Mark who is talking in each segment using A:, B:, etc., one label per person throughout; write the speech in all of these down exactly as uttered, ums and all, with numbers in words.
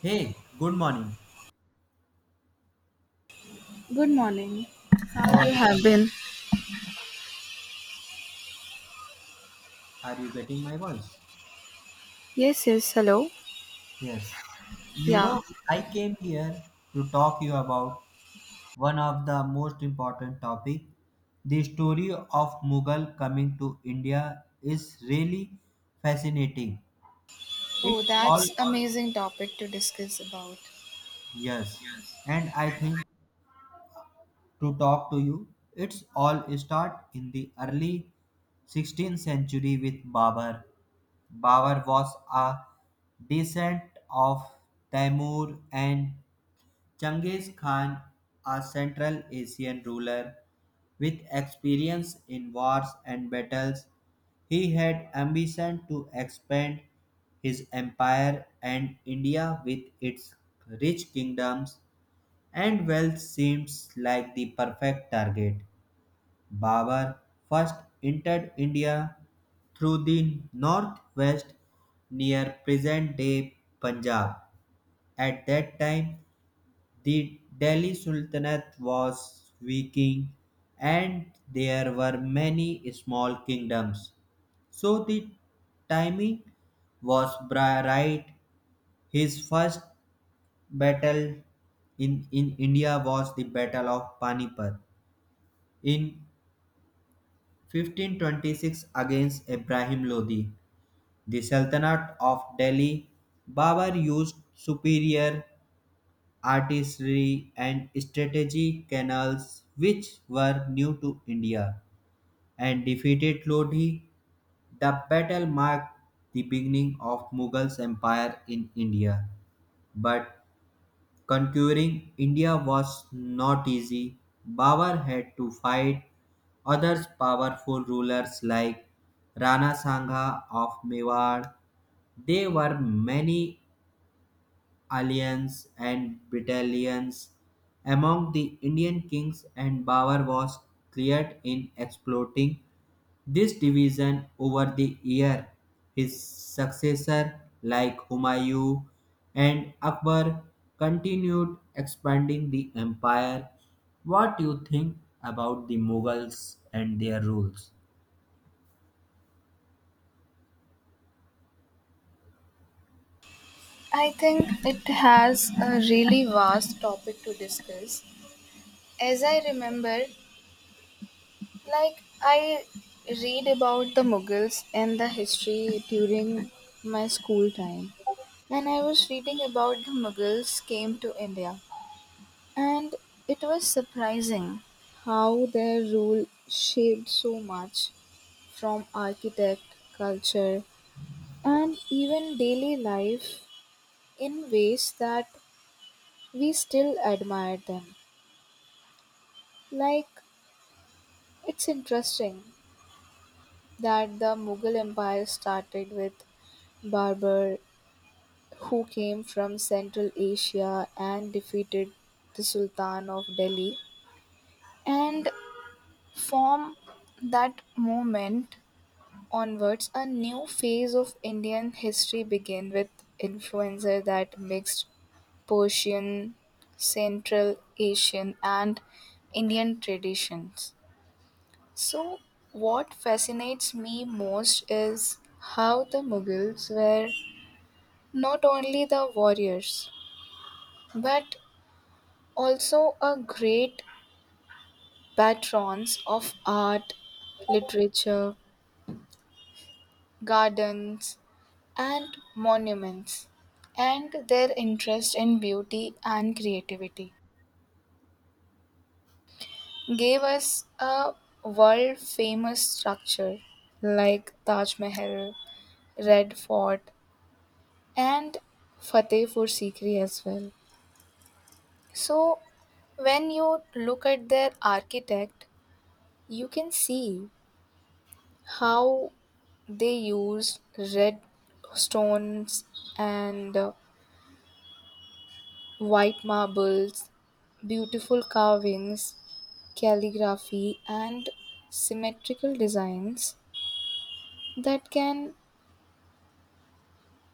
A: Hey, good morning.
B: Good morning.
A: How
B: How
A: are
B: you
A: you?
B: have been?
A: Are you getting my voice?
B: Yes, yes, hello.
A: Yes. You
B: Yeah.
A: know, I came here to talk you about one of the most important topic. The story of Mughal coming to India is really fascinating.
B: Oh,
A: It all
B: that's amazing topic to discuss about.
A: yes. And I think to talk to you, it's all start in the early sixteenth century with Babar. Babur was a descendant of Taimur and Genghis Khan, a Central Asian ruler with experience in wars and battles. He had ambition to expand his empire and India with its rich kingdoms and wealth seems like the perfect target. Babar first entered India through the northwest near present day Punjab. At that time, the Delhi Sultanate was weakening and there were many small kingdoms. So the timing was bri- right. His first battle in, in India was the Battle of Panipat in fifteen twenty-six against Ibrahim Lodi, the Sultanate of Delhi. Babur used superior artillery and strategy canals which were new to India and defeated Lodi. The battle marked the beginning of Mughals empire in India, but conquering India was not easy. Babur had to fight other powerful rulers like Rana Sangha of Mewar. There were many alliances and battalions among the Indian kings, and Babur was cleared in exploiting this division over the year, his successor like Humayun and Akbar continued expanding the empire. What do you think about the Mughals and their rules?
B: I think it has a really vast topic to discuss. As I remember, like I read about the Mughals and the history during my school time. And I was reading about the Mughals came to India. And it was surprising how their rule shaped so much from architect, culture, and even daily life in ways that we still admire them. Like, it's interesting that the Mughal Empire started with Barbar, who came from Central Asia and defeated the Sultan of Delhi, and from that moment onwards, a new phase of Indian history began with influencer that mixed Persian, Central Asian, and Indian traditions. So, what fascinates me most is how the Mughals were not only the warriors but also a great patrons of art, literature, gardens, and monuments, and their interest in beauty and creativity gave us a world famous structure like Taj Mahal, Red Fort, and Fatehpur Sikri as well. So, when you look at their architect, you can see how they used red stones and uh, white marbles, beautiful carvings, calligraphy, and symmetrical designs that can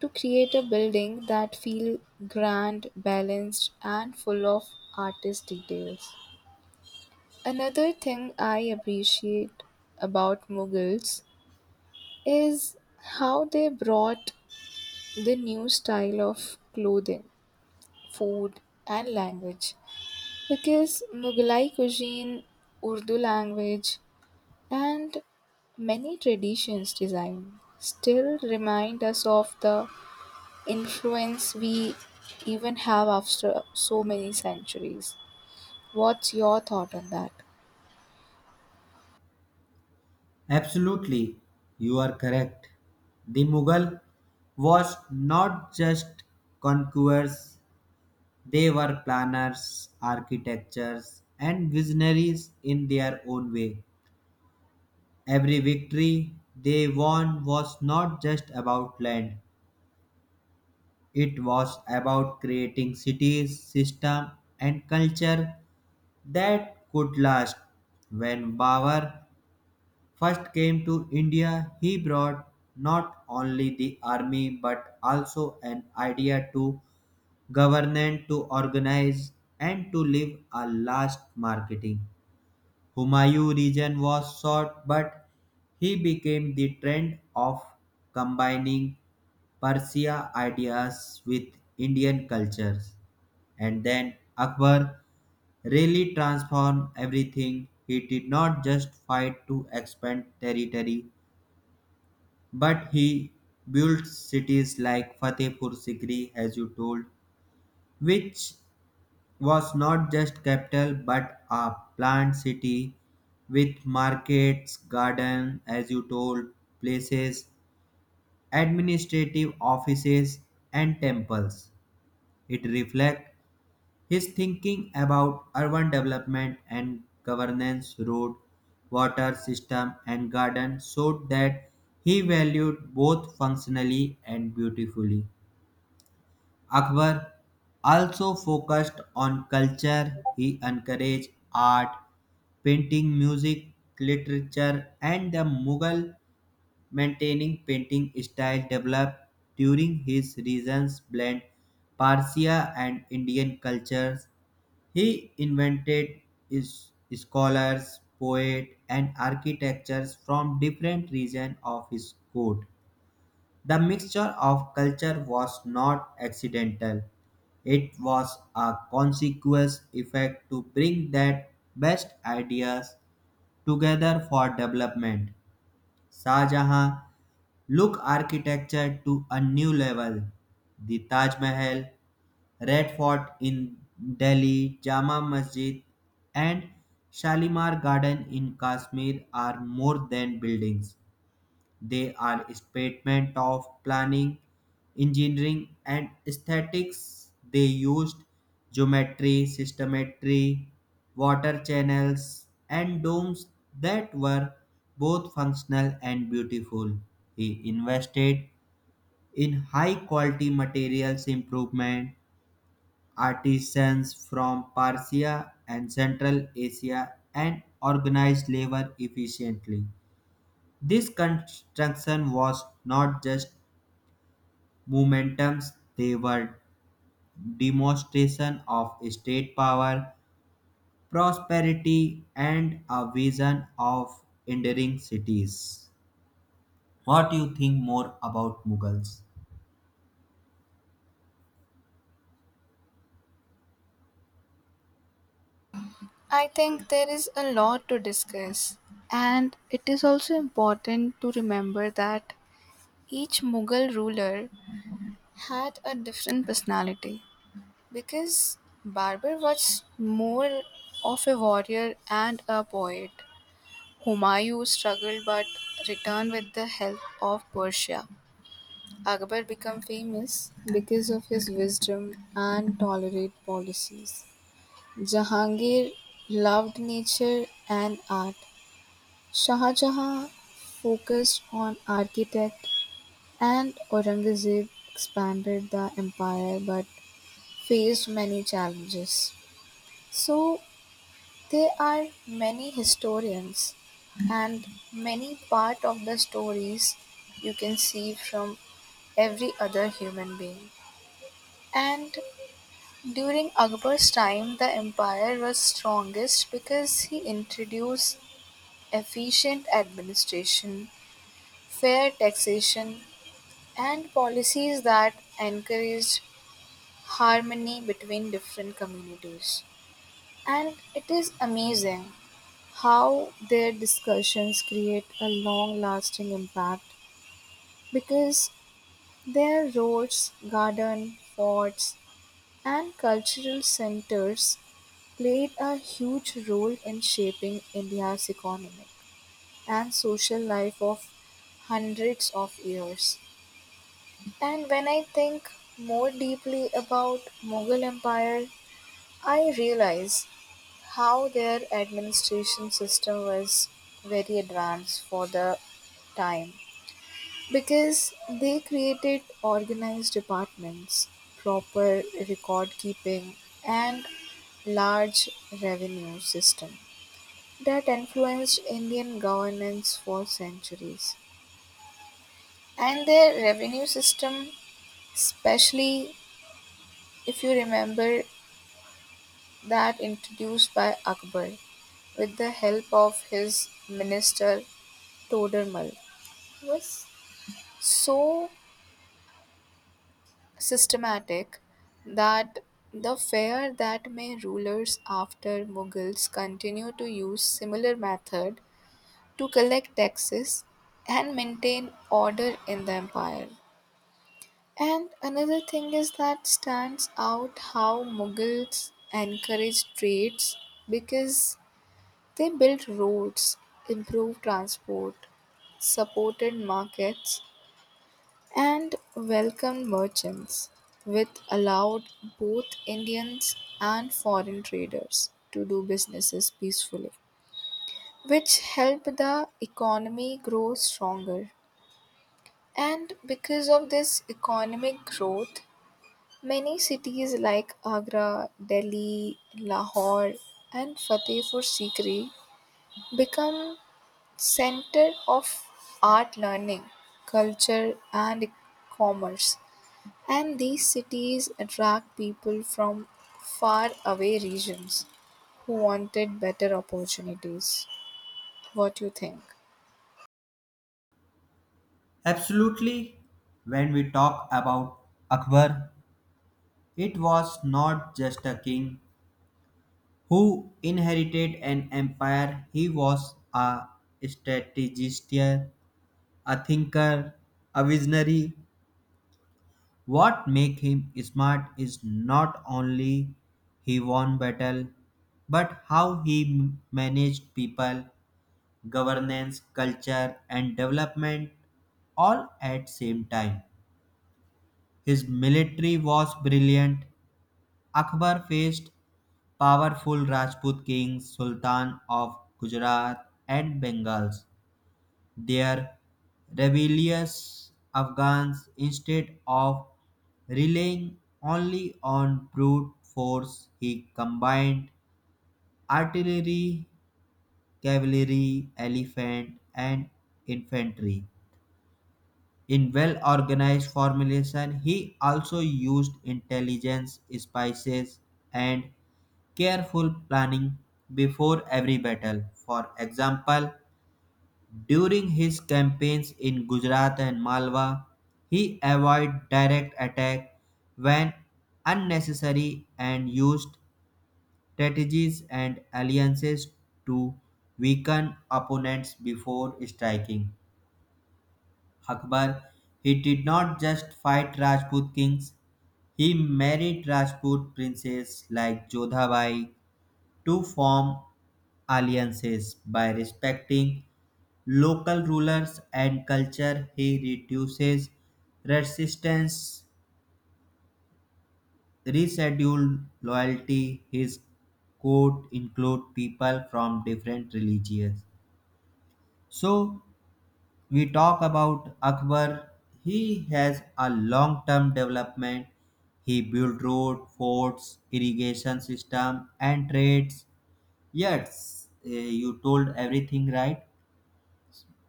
B: to create a building that feel grand, balanced and full of artist details. Another thing I appreciate about Mughals is how they brought the new style of clothing, food and language because Mughalai cuisine, Urdu language and many traditions design still remind us of the influence we even have after so many centuries. What's your thought on that?
A: Absolutely, you are correct. The Mughal was not just conquerors, they were planners, architects, and visionaries in their own way. Every victory they won was not just about land, it was about creating cities, systems, and culture that could last. When Babur first came to India, he brought not only the army but also an idea to government to organize and to live a last marketing. Humayu' region was short but he became the trend of combining Persia ideas with Indian cultures. And then Akbar really transformed everything. He did not just fight to expand territory, but he built cities like Fatehpur Sikri, as you told, which was not just capital but a planned city with markets, gardens, as you told, places, administrative offices, and temples. It reflects his thinking about urban development and governance, road, water system, and garden, so that he valued both functionally and beautifully. Akbar also focused on culture. He encouraged art, painting, music, literature, and the Mughal maintaining painting style developed during his reigns blend Persia and Indian cultures. He invented is- scholars, poets, and architects from different regions of his court. The mixture of culture was not accidental. It was a consequence effect to bring that best ideas together for development. Shah Jahan took architecture to a new level. The Taj Mahal, Red Fort in Delhi, Jama Masjid, and Shalimar Garden in Kashmir are more than buildings. They are statement of planning, engineering, and aesthetics. They used geometry, systemetry, water channels, and domes that were both functional and beautiful. He invested in high quality materials improvement, artisans from Persia and Central Asia, and organized labor efficiently. This construction was not just momentums, they were demonstration of state power, prosperity, and a vision of enduring cities. What do you think more about Mughals?
B: I think there is a lot to discuss, and it is also important to remember that each Mughal ruler had a different personality because Barber was more of a warrior and a poet. Humayun struggled but returned with the help of Persia. Akbar became famous because of his wisdom and tolerant policies. Jahangir loved nature and art. Shah Jahan focused on architect and Aurangzeb expanded the empire but faced many challenges. So there are many historians and many part of the stories you can see from every other human being. And during Akbar's time the empire was strongest because he introduced efficient administration, fair taxation, and policies that encouraged harmony between different communities. And it is amazing how their discussions create a long lasting impact because their roads, gardens, forts, and cultural centers played a huge role in shaping India's economic and social life of hundreds of years. And when I think more deeply about Mughal Empire, I realize how their administration system was very advanced for the time because they created organized departments, proper record keeping, and large revenue system that influenced Indian governance for centuries. And their revenue system, especially if you remember that introduced by Akbar with the help of his minister Todermal, was so systematic that the fear that may rulers after Mughals continue to use similar method to collect taxes and maintain order in the empire. And another thing is that stands out how Mughals encouraged trades because they built roads, improved transport, supported markets, and welcomed merchants, which allowed both Indians and foreign traders to do businesses peacefully, which helped the economy grow stronger. And because of this economic growth, many cities like Agra, Delhi, Lahore, and Fatehpur Sikri become center of art learning, culture, and commerce. And these cities attract people from far away regions who wanted better opportunities. What do you think?
A: Absolutely. When we talk about Akbar, it was not just a king who inherited an empire, he was a strategist, a thinker, a visionary. What make him smart is not only he won battle, but how he m- managed people, governance, culture, and development all at same time. His military was brilliant. Akbar faced powerful Rajput kings, Sultan of Gujarat and Bengals, their rebellious Afghans instead of relying only on brute force. He combined artillery, cavalry, elephant, and infantry. In well organized formulation, he also used intelligence, spices, and careful planning before every battle. For example, during his campaigns in Gujarat and Malwa, he avoided direct attack when unnecessary and used strategies and alliances to weaken opponents before striking. Akbar, he did not just fight Rajput kings, he married Rajput princes like Jodhabai to form alliances. By respecting local rulers and culture he reduces resistance, rescheduled loyalty. His court include people from different religions. So we talk about Akbar, he has a long term development. He built road forts irrigation system and trades. Yes, eh, you told everything right.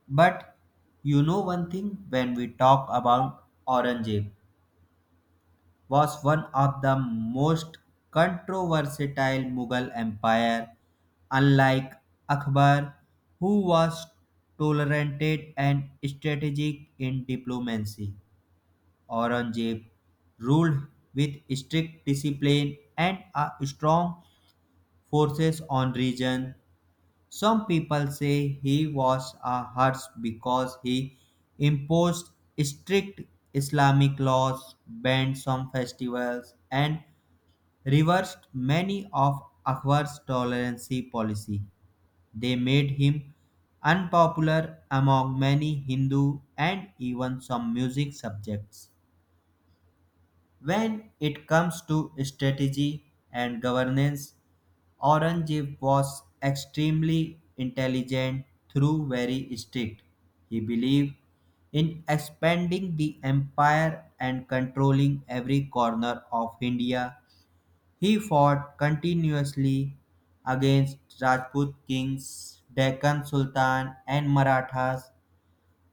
A: But you know one thing, when we talk about Aurangzeb, was one of the most controversial Mughal empire, unlike Akbar, who was tolerant and strategic in diplomacy. Aurangzeb ruled with strict discipline and a strong forces on region. Some people say he was a harsh because he imposed strict Islamic laws, banned some festivals, and reversed many of Akbar's tolerance policy. They made him unpopular among many Hindu and even some music subjects. When it comes to strategy and governance, Aurangzeb was extremely intelligent though very strict. He believed in expanding the empire and controlling every corner of India. He fought continuously against Rajput kings, Deccan Sultan, and Marathas,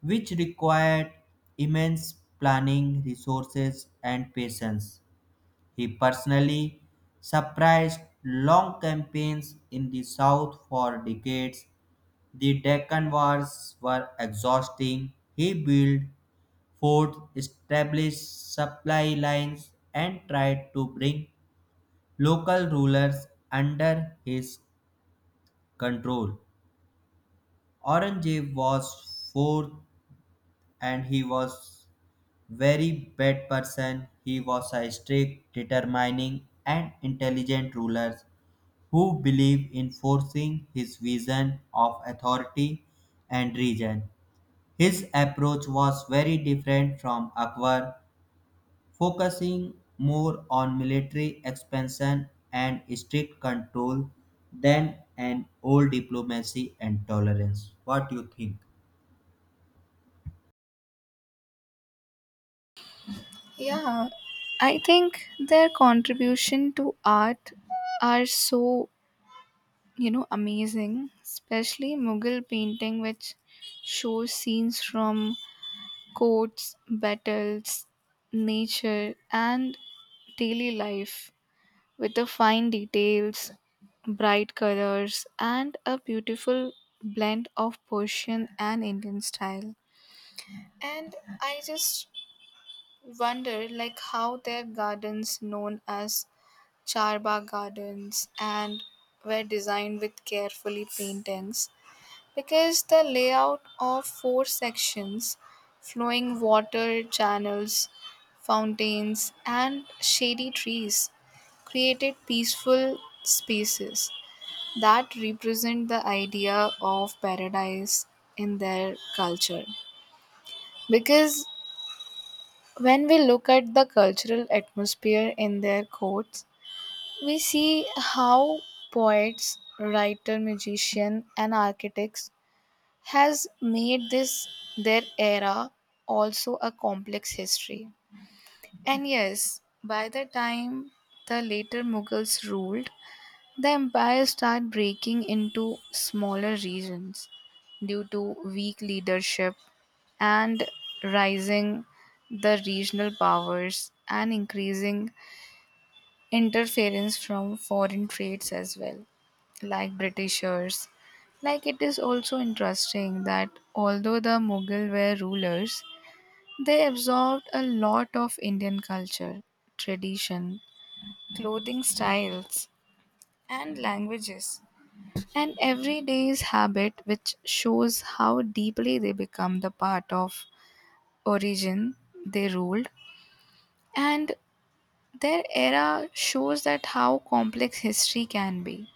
A: which required immense planning, resources, and patience. He personally supervised long campaigns in the South for decades. The Deccan Wars were exhausting. He built forts, established supply lines, and tried to bring local rulers under his control. Aurangzeb was fourth, and he was very bad person. He was a strict, determining, and intelligent ruler who believe in forcing his vision of authority and region. His approach was very different from Akbar, focusing more on military expansion and strict control than an old diplomacy and tolerance. What do you think?
B: Yeah, I think their contribution to art are so, you know amazing, especially mughal painting which shows scenes from courts, battles, nature and daily life with the fine details, bright colors and a beautiful blend of persian and indian style. And I just wonder, like, how their gardens known as charba gardens and were designed with carefully paintings because the layout of four sections, flowing water channels, fountains, and shady trees created peaceful spaces that represent the idea of paradise in their culture. Because when we look at the cultural atmosphere in their courts, we see how poets, writer, magician, and architects has made this their era also a complex history. And yes, by the time the later Mughals ruled, the empire started breaking into smaller regions due to weak leadership and rising the regional powers and increasing interference from foreign trades as well, like Britishers. Like it is also interesting that although the Mughal were rulers, they absorbed a lot of Indian culture, tradition, clothing styles, and languages, and everyday's habit, which shows how deeply they become the part of origin they ruled. And their era shows that how complex history can be,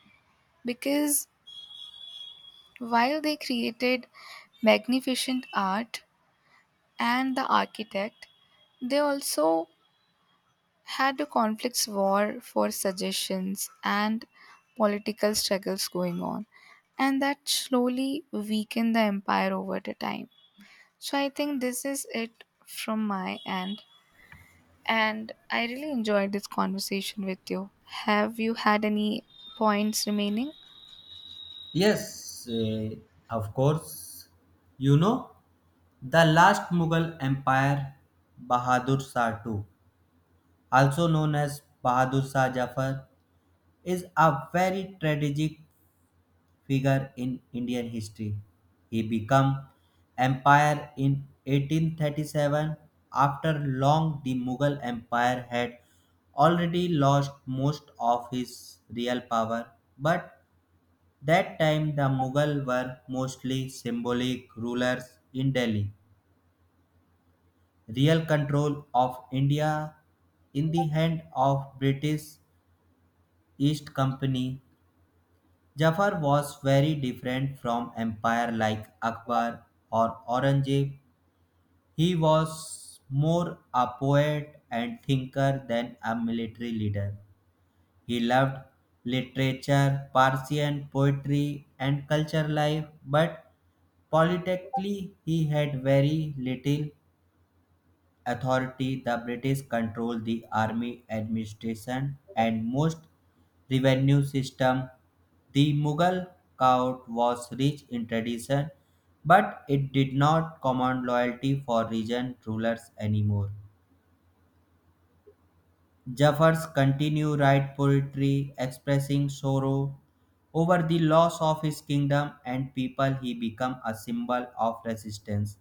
B: because while they created magnificent art and the architect, they also had a conflicts war for suggestions and political struggles going on, and that slowly weakened the empire over the time. So I think this is it from my end, and I really enjoyed this conversation with you. Have you had any points remaining?
A: Yes, eh, of course. You know, the last Mughal Empire, Bahadur Shah the second, also known as Bahadur Shah Jafar, is a very strategic figure in Indian history. He became empire in eighteen thirty-seven after long the Mughal empire had already lost most of his real power, but that time the Mughal were mostly symbolic rulers in Delhi. Real control of India in the hand of British East Company. Jafar was very different from empire like Akbar or Aurangzeb. He was more a poet and thinker than a military leader. He loved literature, Persian poetry, and culture life, but politically he had very little authority. The British controlled the army administration and most revenue system. The Mughal court was rich in tradition, but it did not command loyalty for region rulers anymore. Jafars continue write poetry expressing sorrow over the loss of his kingdom and people. He became a symbol of resistance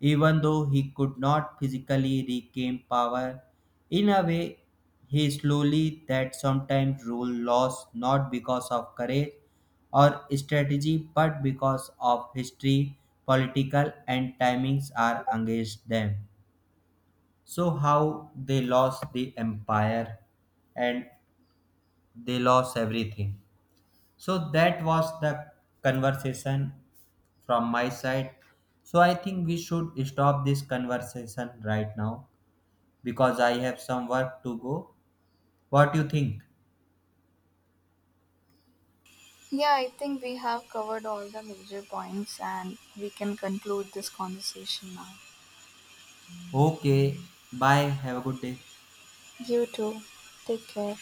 A: even though he could not physically regain power. In a way, he slowly that sometimes rule lost not because of courage or strategy but because of history, political and timings are against them. So how they lost the empire and they lost everything. So that was the conversation from my side. So I think we should stop this conversation right now, because I have some work to go. What do you think?
B: Yeah, I think we have covered all the major points and we can conclude this conversation now.
A: Okay, bye. Have a good day.
B: You too. Take care.